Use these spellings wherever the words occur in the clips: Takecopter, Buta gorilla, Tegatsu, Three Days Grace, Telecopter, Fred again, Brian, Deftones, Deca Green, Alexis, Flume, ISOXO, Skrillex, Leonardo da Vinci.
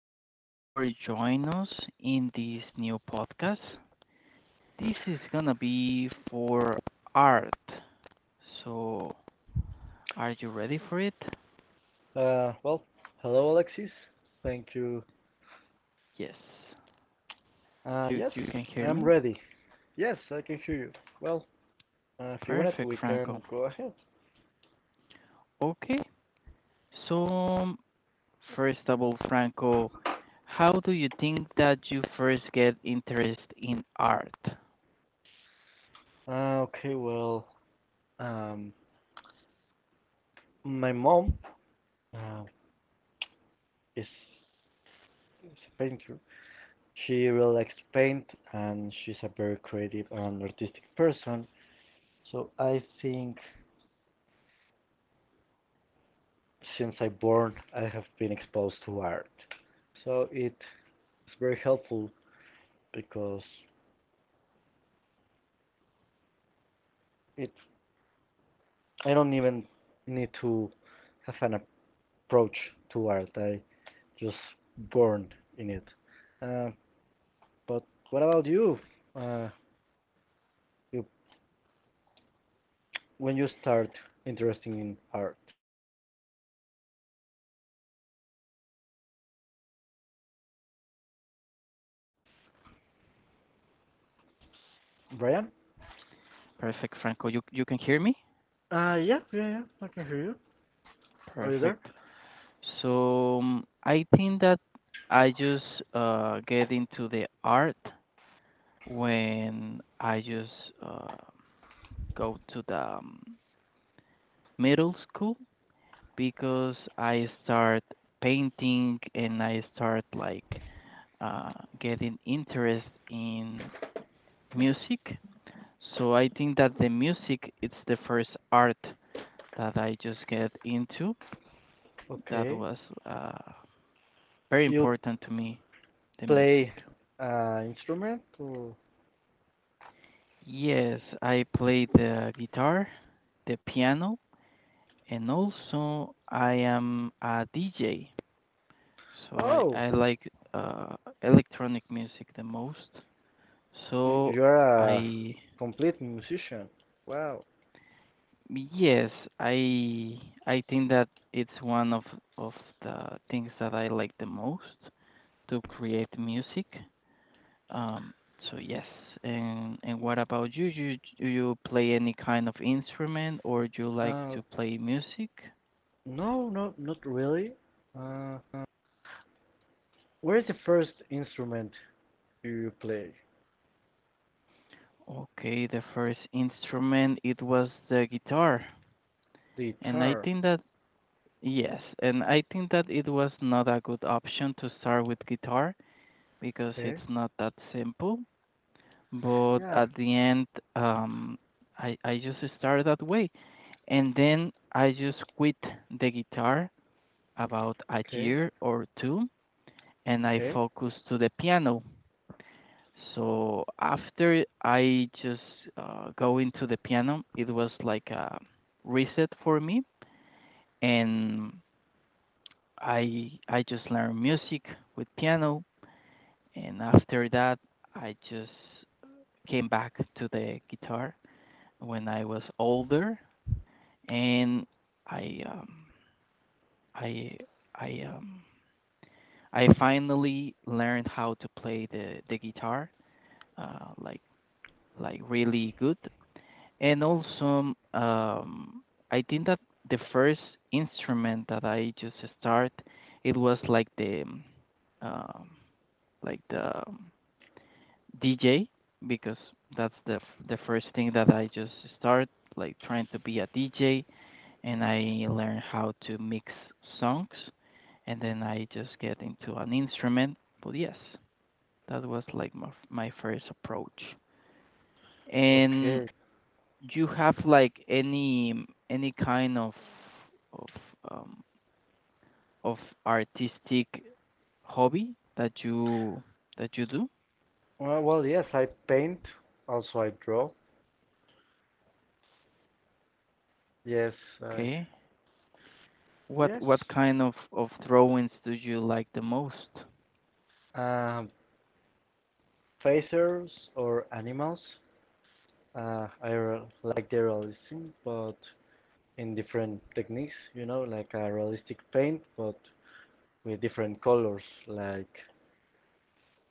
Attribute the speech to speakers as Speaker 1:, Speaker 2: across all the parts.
Speaker 1: Thank you for joining us in this new podcast. This is gonna be for art. So, are you ready for it?
Speaker 2: Uh, well, hello, Alexis. Thank you.
Speaker 1: Yes. You
Speaker 2: Yes,
Speaker 1: you can hear
Speaker 2: I'm
Speaker 1: me?
Speaker 2: ready. Yes, I can hear you. Well, if you want it,
Speaker 1: Perfect,
Speaker 2: we can
Speaker 1: Franco.
Speaker 2: go ahead.
Speaker 1: Okay. So, first of all, Franco, how do you think that you first get interest in art?
Speaker 2: Uh, okay, well, um, my mom uh, is, is a painter. She really likes to paint, and she's a very creative and artistic person. So I think since I born, I have been exposed to art. So it is very helpful because it I don't even need to have an approach to art. I just born in it. Uh, but what about you? Uh, you when you start interesting in art,
Speaker 1: Perfect,
Speaker 2: Brian?
Speaker 1: Franco. You can hear me?
Speaker 2: Yeah. I can hear you. Are you there?
Speaker 1: Perfect. So I think that I just get into the art when I just uh, go to the middle school because I start painting and I start like uh, getting interest in music. So I think that the music it's the first art that I just get into. That
Speaker 2: Okay.
Speaker 1: was uh, very
Speaker 2: You
Speaker 1: important to me, the music.
Speaker 2: play an instrument or?
Speaker 1: Yes, I play the guitar, the piano, and also I am a DJ. So I,
Speaker 2: Oh,
Speaker 1: I like uh, electronic music the most. So
Speaker 2: you're a
Speaker 1: I
Speaker 2: complete musician. Wow.
Speaker 1: yes, I I think that it's one of the things that I like the most to create music. Um, so yes, and what about you? Do you play any kind of instrument or do you like
Speaker 2: Uh,
Speaker 1: to play music?
Speaker 2: no, no, not really. Uh, uh, where is the first instrument do you play?
Speaker 1: Okay, the first instrument it was the guitar. And I
Speaker 2: Guitar.
Speaker 1: think that yes, and I think that it was not a good option to start with guitar because
Speaker 2: Okay.
Speaker 1: it's not that simple. But
Speaker 2: Yeah.
Speaker 1: at the end, um, I just started that way, and then I just quit the guitar about a
Speaker 2: Okay.
Speaker 1: year or two, and I
Speaker 2: Okay.
Speaker 1: focused to the piano. So after I just go into the piano, it was like a reset for me, and I just learned music with piano, and after that I just came back to the guitar when I was older, and I um, I I um, I finally learned how to play the guitar uh, like like really good. And also, I think that the first instrument that I just start, it was like uh, the DJ because that's the first thing that I just start like trying to be a DJ, and I learn how to mix songs, and then I just get into an instrument. But yes, that was like my first approach. And
Speaker 2: Okay.
Speaker 1: do you have like any kind of um, of artistic hobby that you do?
Speaker 2: Well, yes, I paint. Also, I draw. Yes. I,
Speaker 1: Okay. What
Speaker 2: yes.
Speaker 1: what kind of drawings do you like the most?
Speaker 2: Um, faces or animals. Like the realism, but in different techniques. You know, like a realistic paint, but with different colors, like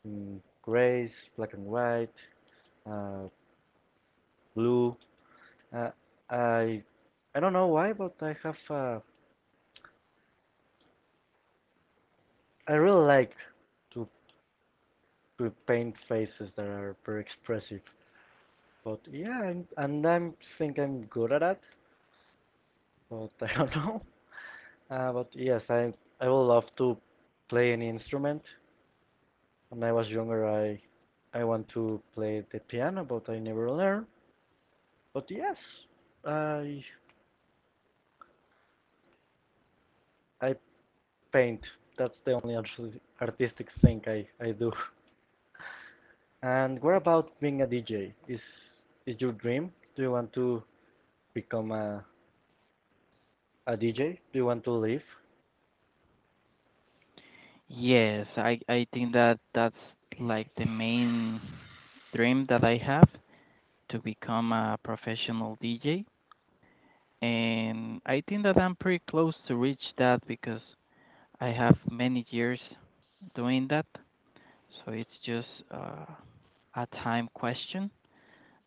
Speaker 2: grays, black and white, uh, blue. Uh, I I don't know why, but I have a I really like to, to paint faces that are very expressive. But I think I'm good at that. But I don't know. But yes, I would love to play any instrument. When I was younger, I want to play the piano, but I never learned. But yes, I I paint. That's the only artistic thing I do. And what about being a DJ? Is your dream? Do you want to become a A DJ? Do you want to leave?
Speaker 1: Yes, I think that that's like the main dream that I have to become a professional DJ. And I think that I'm pretty close to reach that because I have many years doing that. So it's just a time question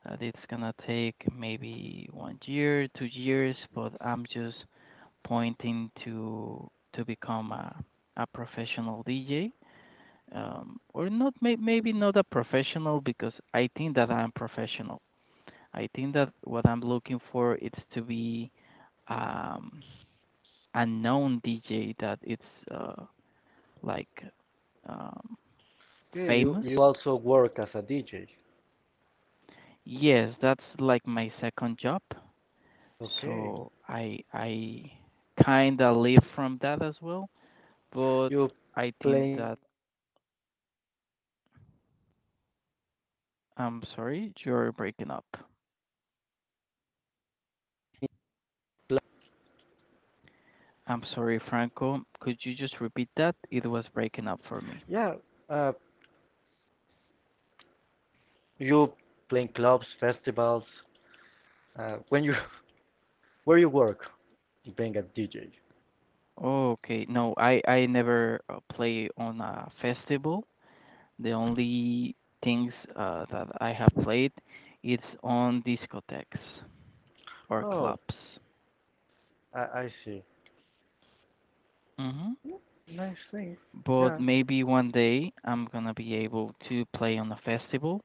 Speaker 1: that it's gonna take maybe one year, 2 years, but I'm just pointing to become a professional DJ, or not maybe not a professional because I think that I'm professional. I think that what I'm looking for is to be um, a known DJ that it's uh, like um,
Speaker 2: Okay,
Speaker 1: famous.
Speaker 2: you also work as a DJ.
Speaker 1: Yes, that's like my second job.
Speaker 2: Okay,
Speaker 1: So I kind of live from that as well, but
Speaker 2: you
Speaker 1: I think
Speaker 2: playing
Speaker 1: that I'm sorry, you're breaking up.
Speaker 2: cl-
Speaker 1: I'm sorry, Franco. Could you just repeat that? It was breaking up
Speaker 2: yeah.
Speaker 1: for me.
Speaker 2: Uh, you playing clubs, festivals. When you where you work, you being a DJ.
Speaker 1: Okay, no, I never play on a festival. The only things that I have played it's on discotheques or
Speaker 2: Oh,
Speaker 1: clubs.
Speaker 2: I I see.
Speaker 1: Mm-hmm.
Speaker 2: Nice thing.
Speaker 1: But
Speaker 2: Yeah.
Speaker 1: maybe one day I'm gonna be able to play on a festival.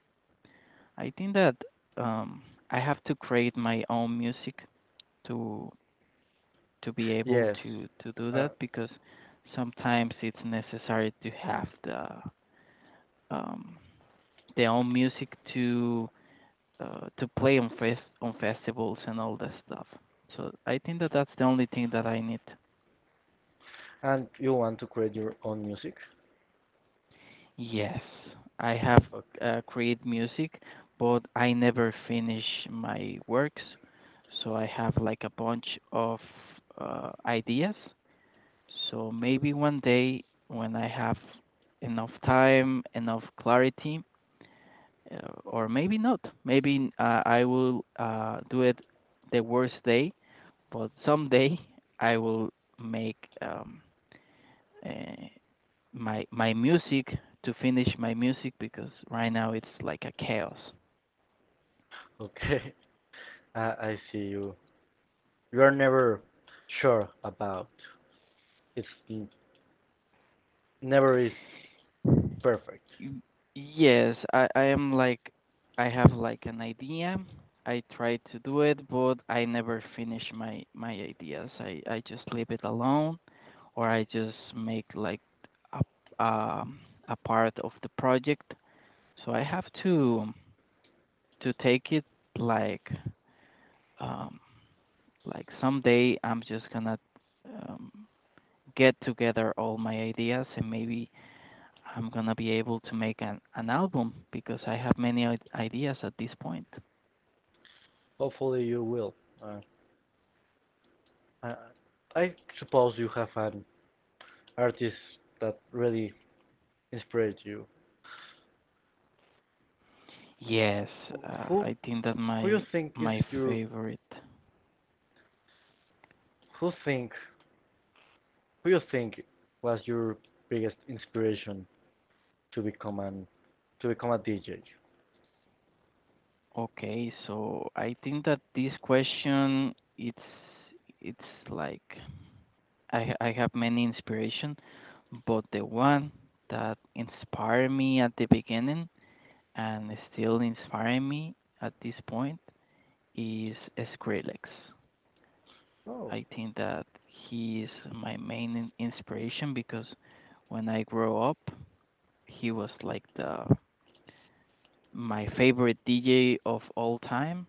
Speaker 1: I think that um, I have to create my own music to to be able
Speaker 2: Yes.
Speaker 1: to do
Speaker 2: Uh,
Speaker 1: that because sometimes it's necessary to have um, the own music to play on festivals and all that stuff. So I think that that's the only thing that I need.
Speaker 2: and you want to create your own music?
Speaker 1: Yes, I have
Speaker 2: Okay.
Speaker 1: create music, but I never finish my works. So I have like a bunch of ideas. So maybe one day when I have enough time, enough clarity, or maybe not. Maybe I will do it the worst day, but someday I will make uh, my music to finish my music because right now it's like a chaos.
Speaker 2: Okay. I I see you. You are never sure about. It's n- never is Perfect.
Speaker 1: Y- Yes, I am like I have like an idea. I try to do it, but I never finish my ideas. I just leave it alone, or I just make like a um a part of the project. So I have to take it like um like someday I'm just gonna um get together all my ideas and maybe I'm gonna be able to make an album because I have many ideas at this point.
Speaker 2: Hopefully you will. Uh, I, I suppose you have an artist that really inspired you.
Speaker 1: Yes,
Speaker 2: Who
Speaker 1: I think that
Speaker 2: who you
Speaker 1: my
Speaker 2: think is
Speaker 1: my
Speaker 2: your
Speaker 1: favorite.
Speaker 2: who think who you think was your biggest inspiration to become an to become a DJ?
Speaker 1: Okay, so I think that this question it's like I have many inspiration, but the one that inspired me at the beginning and still inspiring me at this point is Skrillex.
Speaker 2: Oh,
Speaker 1: I think that he is my main inspiration because when I grow up, he was like the my favorite DJ of all time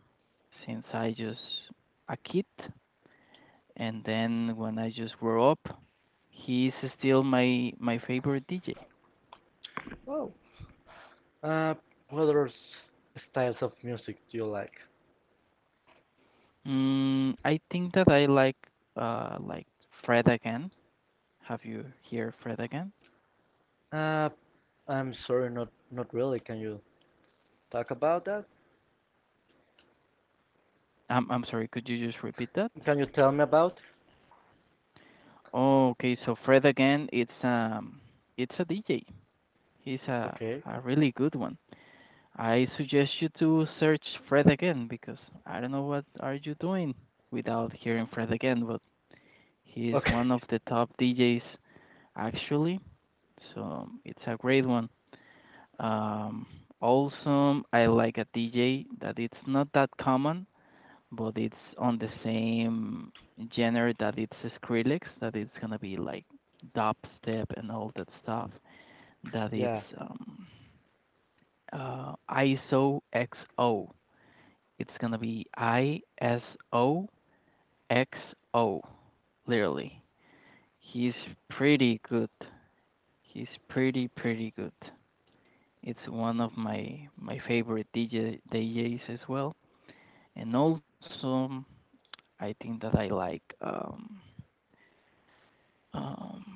Speaker 1: since I just a kid, and then when I just grow up, he is still my favorite DJ.
Speaker 2: oh. Uh, styles of music do you like?
Speaker 1: I think that I like like Fred again. Have you heard Fred again?
Speaker 2: Uh, I'm sorry, not not really. Can you talk about that?
Speaker 1: I'm sorry. Could you just repeat that?
Speaker 2: Can you tell me about?
Speaker 1: Oh, okay, so Fred again, it's a DJ. He's a
Speaker 2: Okay.
Speaker 1: a really good one. I suggest you to search Fred again because I don't know what are you doing without hearing Fred again, but he is
Speaker 2: Okay.
Speaker 1: one of the top DJs actually. So it's a great one. Um, also, I like a DJ that it's not that common but it's on the same genre that it's Skrillex, that it's gonna be like dubstep and all that stuff. That
Speaker 2: Yeah.
Speaker 1: it's um, ISO. It's gonna be ISOXO. Literally, he's pretty good. He's pretty good. It's one of my favorite DJ DJs as well. And also, I think that I like Um,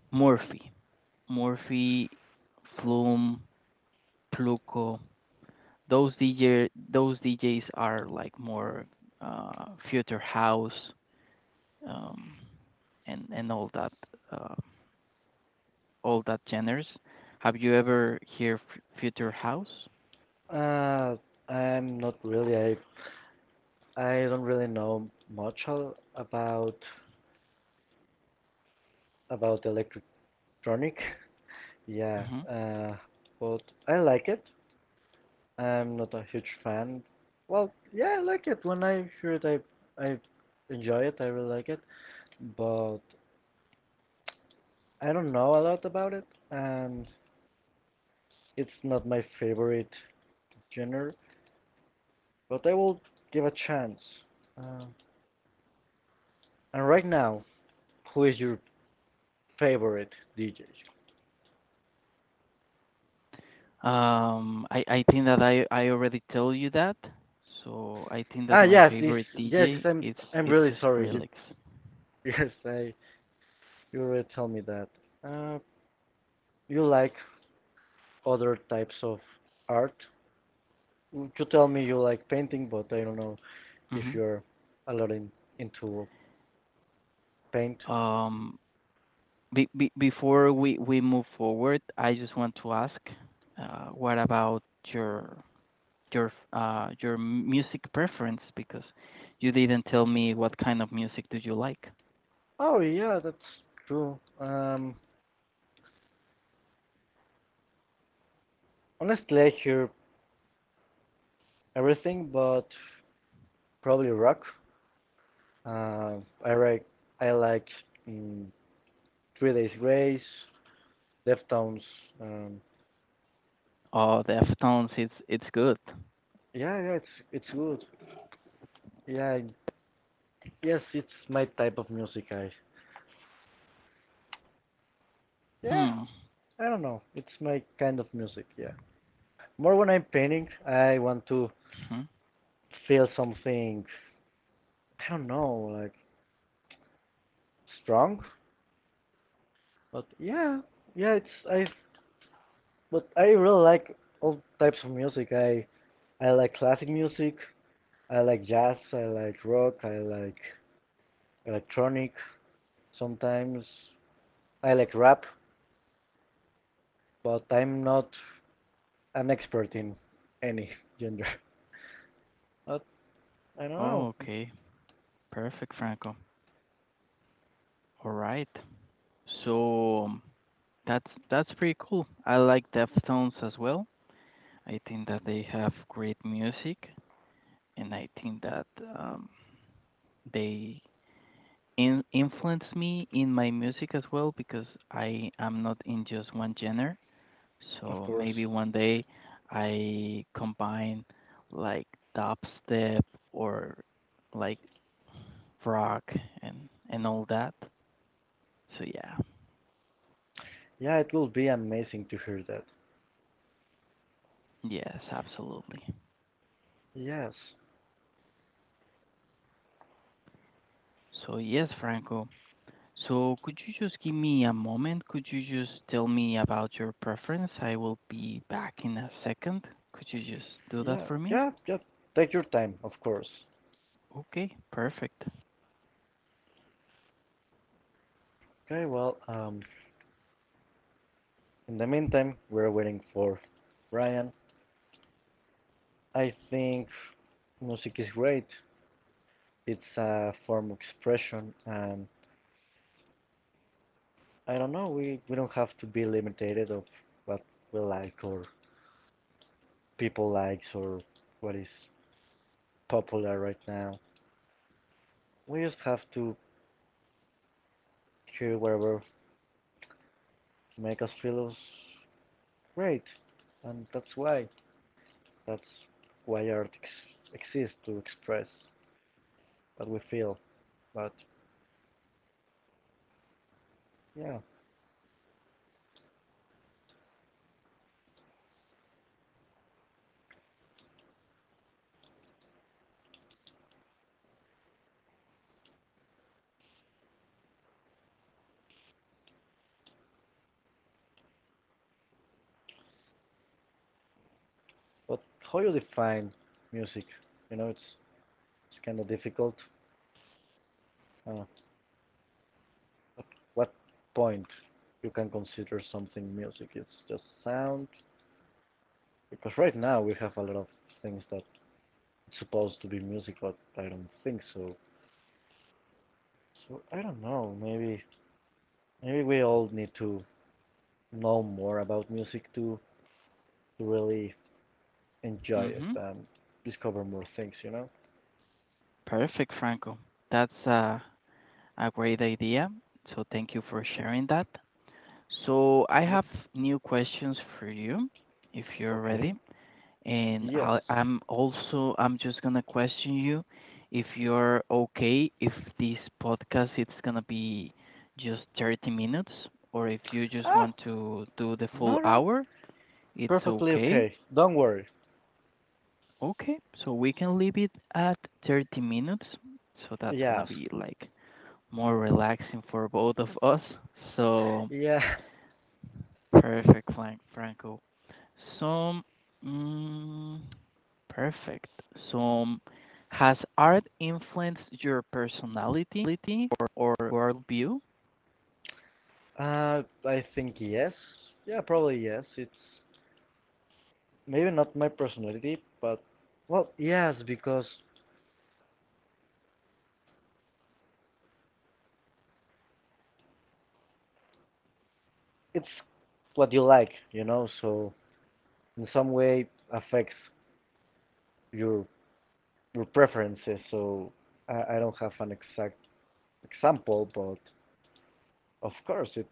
Speaker 1: Murphy, Morphy, Flume, Pluco. Those DJs are like more future house um, and uh, all that genres. Have you ever hear future house?
Speaker 2: Uh, I'm not really. I don't really know much al- about about electronic. Yeah,
Speaker 1: hmm
Speaker 2: uh, but I like it. I'm not a huge fan. Well, yeah, I like it. When I hear it, I enjoy it. I really like it. But I don't know a lot about it. Um, it's not my favorite genre. But I will give a chance. Uh, and right now, who is your favorite DJ?
Speaker 1: I think that I already told you that. So I think that
Speaker 2: Ah,
Speaker 1: my
Speaker 2: yes, yes,
Speaker 1: favorite
Speaker 2: yes,
Speaker 1: DJ it's
Speaker 2: I'm
Speaker 1: it's
Speaker 2: really sorry. You,
Speaker 1: Skrillex.
Speaker 2: yes, I, you already told me that. Uh, you like other types of art. You tell me you like painting, but I don't know if
Speaker 1: Hmm
Speaker 2: you're a lot in, into paint.
Speaker 1: Um, be before we move forward, I just want to ask, what about your your music preference? Because you didn't tell me what kind of music do you like.
Speaker 2: Oh, yeah, that's true. Honestly, I hear everything, but probably rock. Uh, I like, I like mm, Three Days Grace, Deftones. Um,
Speaker 1: Oh, the Deftones, it's good.
Speaker 2: yeah, yeah, it's good. Yeah, yes, it's my type of music. Yeah,
Speaker 1: Hmm.
Speaker 2: I don't know. It's my kind of music. Yeah, more when I'm painting, I want to
Speaker 1: Hmm.
Speaker 2: feel something. I don't know, like strong. But yeah, yeah, it's I. But I really like all types of music. I like classic music. I like jazz. I like rock. I like electronic. Sometimes I like rap, but I'm not an expert in any genre. But I don't
Speaker 1: Oh,
Speaker 2: know.
Speaker 1: okay. Perfect, Franco. All right. So that's pretty cool. I like Deftones as well. I think that they have great music, and I think that um, they in influenced me in my music as well because I am not in just one genre.
Speaker 2: Of
Speaker 1: So
Speaker 2: course.
Speaker 1: maybe one day I combine like dubstep or like rock and all that. So yeah.
Speaker 2: Yeah, it will be amazing to hear that.
Speaker 1: Yes, absolutely.
Speaker 2: Yes.
Speaker 1: So yes, Franco. So could you just give me a moment? Could you just tell me about your preference? I will be back in a second. Could you just do that
Speaker 2: Yeah,
Speaker 1: for me?
Speaker 2: yeah, yeah. Take your time, of course.
Speaker 1: Okay, perfect.
Speaker 2: Okay, well, in the meantime, we're waiting for Brian. I think music is great. It's a form of expression, and I don't know, we don't have to be limited of what we like or people likes or what is popular right now. We just have to hear whatever make us feel us Great. And that's why. That's Why art exists to express what we feel. But yeah. But how you define music? You know, it's kind of difficult. Uh, at what point you can consider something music? It's just sound. Because right now we have a lot of things that it's supposed to be music, but I don't think so. So I don't know. Maybe we all need to know more about music to really enjoy it
Speaker 1: Mm-hmm.
Speaker 2: and discover more things, you know?
Speaker 1: Perfect, Franco. That's a great idea. So thank you for sharing that. So I
Speaker 2: Yep.
Speaker 1: have new questions for you if you're
Speaker 2: Okay.
Speaker 1: ready. And
Speaker 2: Yes.
Speaker 1: I'll, I'm also I'm just gonna question you if you're okay if this podcast it's gonna be just 30 minutes or if you just
Speaker 2: Ah,
Speaker 1: want to do the full
Speaker 2: no.
Speaker 1: hour, it's
Speaker 2: Perfectly
Speaker 1: okay.
Speaker 2: okay. Don't worry.
Speaker 1: Okay, so we can leave it at 30 minutes. So that's gonna
Speaker 2: Yes.
Speaker 1: be like more relaxing for both of us. So
Speaker 2: Yeah.
Speaker 1: perfect, Franco. Some mm, perfect. Some has art influenced your personality or worldview?
Speaker 2: I think yes. Yeah, probably yes. It's maybe not my personality, but well, yes, because it's what you like, you know. So in some way affects your your preferences. So I don't have an exact example, but of course it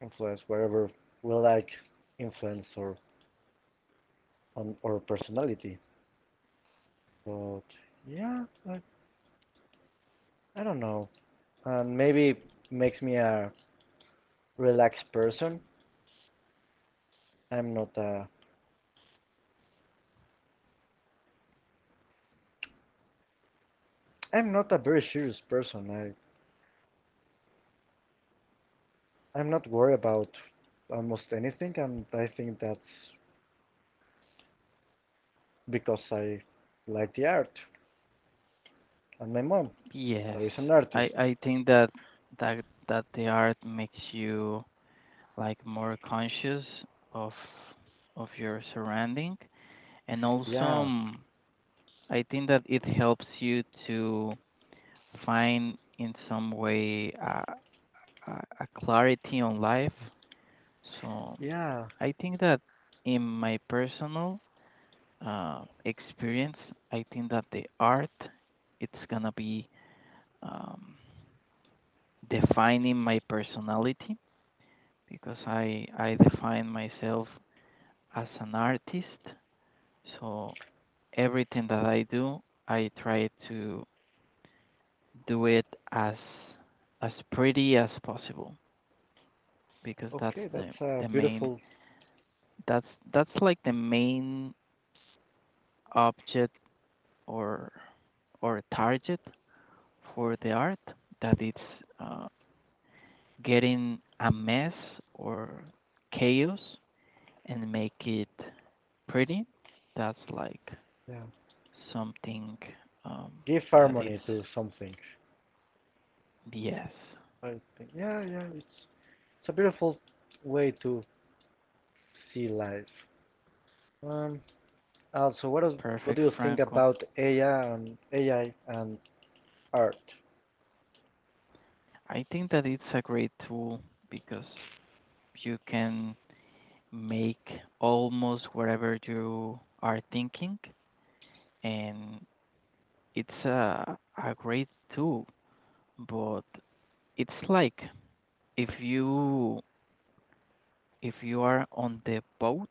Speaker 2: influence wherever we like influence or on our personality. But yeah, I don't know. And maybe it makes me a relaxed person. I'm not a I'm not a very serious person. I'm not worried about almost anything, and I think that's because I like the art and my mom
Speaker 1: Yes,
Speaker 2: there is an
Speaker 1: I
Speaker 2: artist.
Speaker 1: I think that the art makes you like more conscious of of your surrounding and also
Speaker 2: Yeah,
Speaker 1: I think that it helps you to find in some way a, a clarity on life. So
Speaker 2: yeah.
Speaker 1: I think that in my personal experience, I think that the art it's gonna be um, defining my personality because I define myself as an artist. So everything that I do, I try to do it as as pretty as possible. Because that's
Speaker 2: Okay,
Speaker 1: the
Speaker 2: that's a
Speaker 1: the main
Speaker 2: beautiful.
Speaker 1: that's that's like the main object or or target for the art that it's uh, getting a mess or chaos and make it pretty. That's like
Speaker 2: Yeah,
Speaker 1: something, um,
Speaker 2: give
Speaker 1: that it's.
Speaker 2: harmony to something.
Speaker 1: Yes,
Speaker 2: I think yeah, yeah, it's a beautiful way to see life. Um, also, what is, what do
Speaker 1: perfect,
Speaker 2: you think
Speaker 1: Franco.
Speaker 2: about AI and AI and art,
Speaker 1: I think that it's a great tool because you can make almost whatever you are thinking, and it's a great tool. But it's like if you if you are on the boat,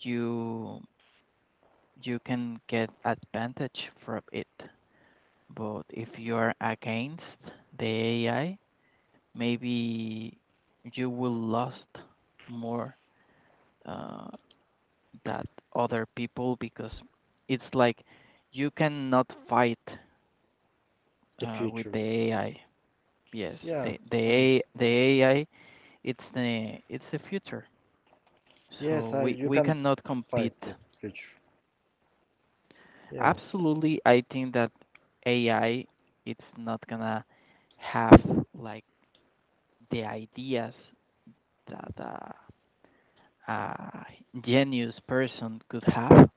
Speaker 1: you you can get advantage from it. But if you are against the AI, maybe you will lost more uh, that other people because it's like you cannot fight
Speaker 2: the
Speaker 1: with
Speaker 2: future?
Speaker 1: the AI. Yes,
Speaker 2: Yeah,
Speaker 1: the
Speaker 2: um,
Speaker 1: the AI, the AI it's the future.
Speaker 2: yes,
Speaker 1: So
Speaker 2: I
Speaker 1: we
Speaker 2: you
Speaker 1: we
Speaker 2: can
Speaker 1: cannot
Speaker 2: fight
Speaker 1: compete.
Speaker 2: the future. Yes,
Speaker 1: Absolutely, I think that AI it's not gonna have like the ideas that a genius person could have.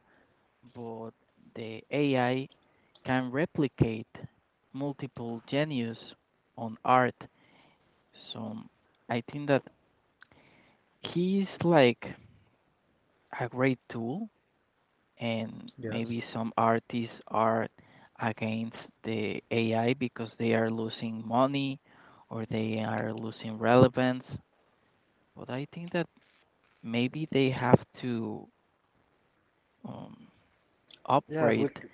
Speaker 1: But the AI can replicate multiple genius on art. So I think that he's like a great tool, and
Speaker 2: yes,
Speaker 1: maybe some artists are against the AI because they are losing money or they are losing relevance. But I think that maybe they have to um,
Speaker 2: yes. We
Speaker 1: upgrade
Speaker 2: c-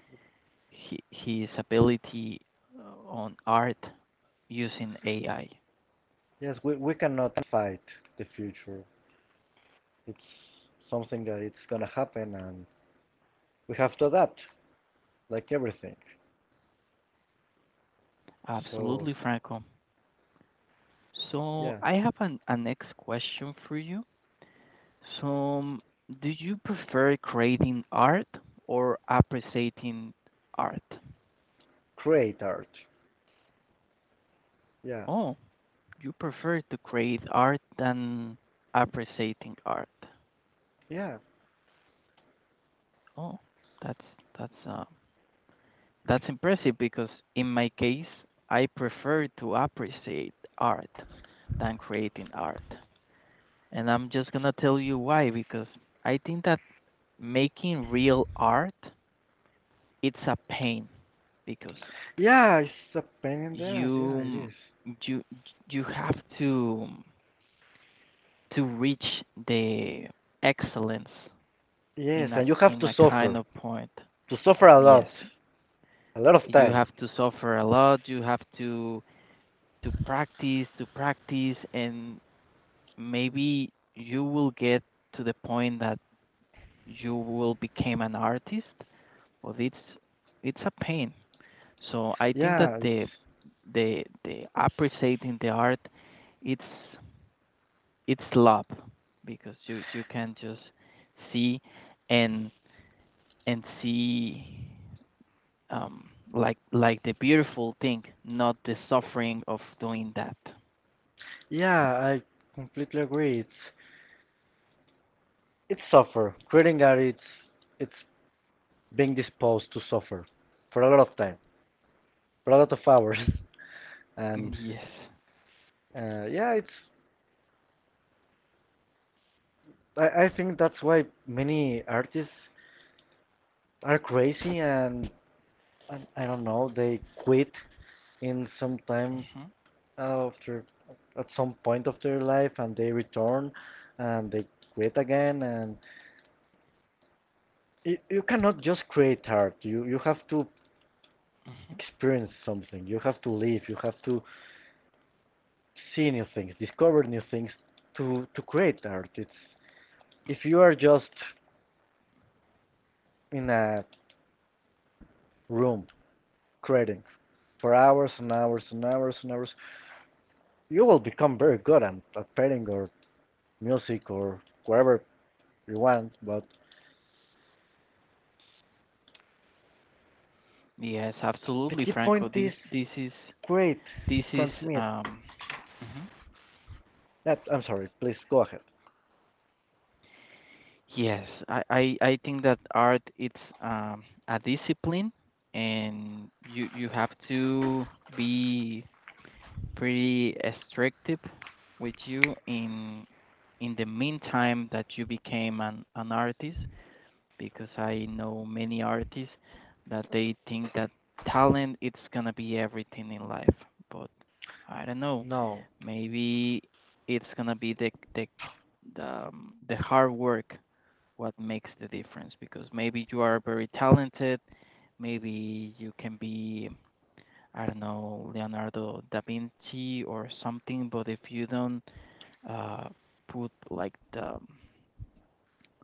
Speaker 1: his ability on art using AI.
Speaker 2: yes we cannot fight the future. It's something that it's gonna happen, and we have to adapt, like everything. So
Speaker 1: Absolutely, Franco. So
Speaker 2: yeah,
Speaker 1: I have a next question for you. So do you prefer creating art or appreciating art?
Speaker 2: create art. Yeah,
Speaker 1: Oh, you prefer to create art than appreciating art.
Speaker 2: yeah.
Speaker 1: Oh, that's that's uh, that's impressive because in my case, I prefer to appreciate art than creating art. And I'm just gonna tell you why because I think that making real art, it's a pain because
Speaker 2: Yeah, it's a pain in the ass. Yeah, it
Speaker 1: you
Speaker 2: is.
Speaker 1: you you have to reach the excellence
Speaker 2: Yes,
Speaker 1: in a
Speaker 2: and you have
Speaker 1: in
Speaker 2: to
Speaker 1: a kind
Speaker 2: suffer.
Speaker 1: of point.
Speaker 2: To suffer a
Speaker 1: Yes,
Speaker 2: lot. A lot of
Speaker 1: you
Speaker 2: time.
Speaker 1: have to suffer a lot. You have to practice, to practice, and maybe you will get to the point that you will become an artist. But it's a pain. So I think that
Speaker 2: Yeah,
Speaker 1: the
Speaker 2: it's.
Speaker 1: the the appreciating the art it's it's love because you can just see and and see like the beautiful thing, not the suffering of doing that.
Speaker 2: Yeah, I completely agree. It's. It's suffer. Creating art, it's. It's being disposed to suffer. For a lot of time. For a lot of hours. and.
Speaker 1: Yes.
Speaker 2: Yeah, it's. I think that's why many artists are crazy and. And I don't know, they quit in some time
Speaker 1: Hmm.
Speaker 2: after at some point of their life and they return and they create again and you cannot just create art you have to
Speaker 1: Hmm.
Speaker 2: experience something you have to live you have to see new things discover new things to create art it's if you are just in a room creating for hours and hours and hours and hours you will become very good at painting or music or whatever you want but
Speaker 1: Yes,
Speaker 2: the
Speaker 1: absolutely,
Speaker 2: key
Speaker 1: Franco,
Speaker 2: point
Speaker 1: this
Speaker 2: is
Speaker 1: this is
Speaker 2: create
Speaker 1: this is
Speaker 2: transmit
Speaker 1: um mhm.
Speaker 2: That I'm sorry. Please go ahead.
Speaker 1: Yes, I think that art it's um, a discipline, and you have to be pretty restrictive with you in the meantime that you became an artist, because I know many artists that they think that talent it's gonna be everything in life, but I don't know,
Speaker 2: No.
Speaker 1: maybe it's gonna be the the hard work what makes the difference, because maybe you are very talented, maybe you can be, I don't know, Leonardo da Vinci or something, but if you don't uh, put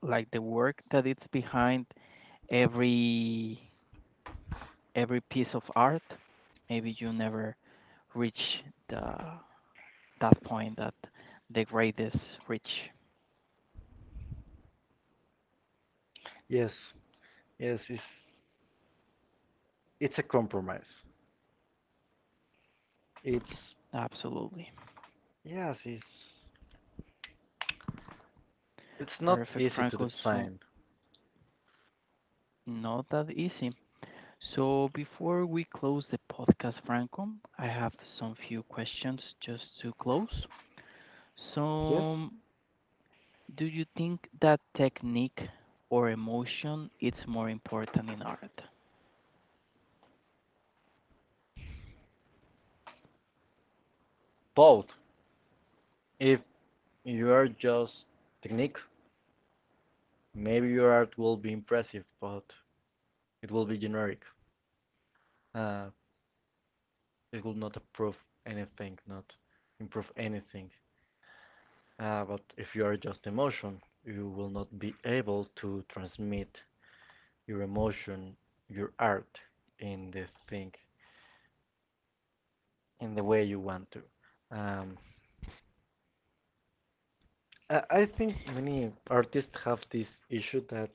Speaker 1: like the work that it's behind every piece of art, maybe you never reach the that point that the greatest reach.
Speaker 2: Yes. Yes. It's a compromise. It's
Speaker 1: Absolutely.
Speaker 2: yes. It's not
Speaker 1: Perfect,
Speaker 2: easy to
Speaker 1: Franco, so
Speaker 2: define.
Speaker 1: not that easy. So before we close the podcast, Franco, I have some few questions just to close.
Speaker 2: Yes.
Speaker 1: So, do you think that technique or emotion is more important in art?
Speaker 2: Both. If you are just technique, maybe your art will be impressive, but it will be generic. Uh, it will not improve anything. Not improve anything. But if you are just emotion, you will not be able to transmit your emotion, your art in the thing in the way you want to. Um, I think many artists have this issue that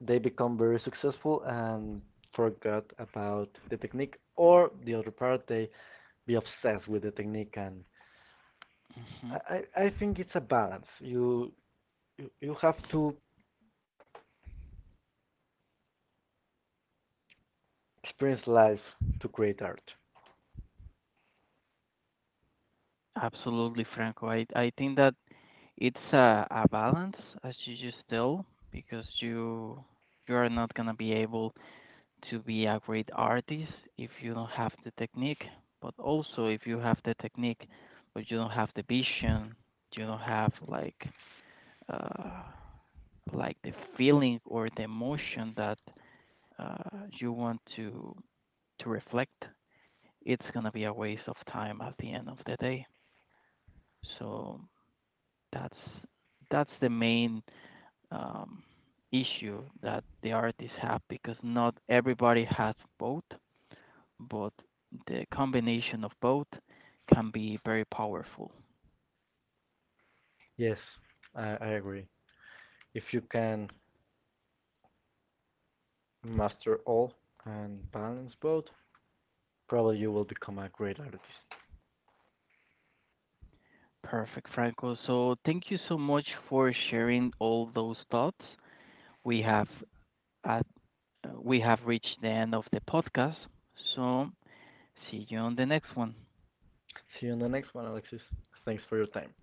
Speaker 2: they become very successful and forgot about the technique, or the other part they be obsessed with the technique. And
Speaker 1: Hmm.
Speaker 2: I, I think it's a balance. You have to experience life to create art.
Speaker 1: Absolutely, Franco. I think that it's a balance, as you just tell, because you are not gonna be able to be a great artist if you don't have the technique, but also if you have the technique, but you don't have the vision, you don't have uh, like the feeling or the emotion that uh, you want to reflect, it's gonna be a waste of time at the end of the day. So that's that's the main um, issue that the artists have, because not everybody has both, but the combination of both can be very powerful.
Speaker 2: Yes, I agree. If you can master all and balance both, Probably you will become a great artist.
Speaker 1: Perfect, Franco. So thank you so much for sharing all those thoughts. We have at, we have reached the end of the podcast. So see you on the next one.
Speaker 2: See you in the next one, Alexis. Thanks for your time.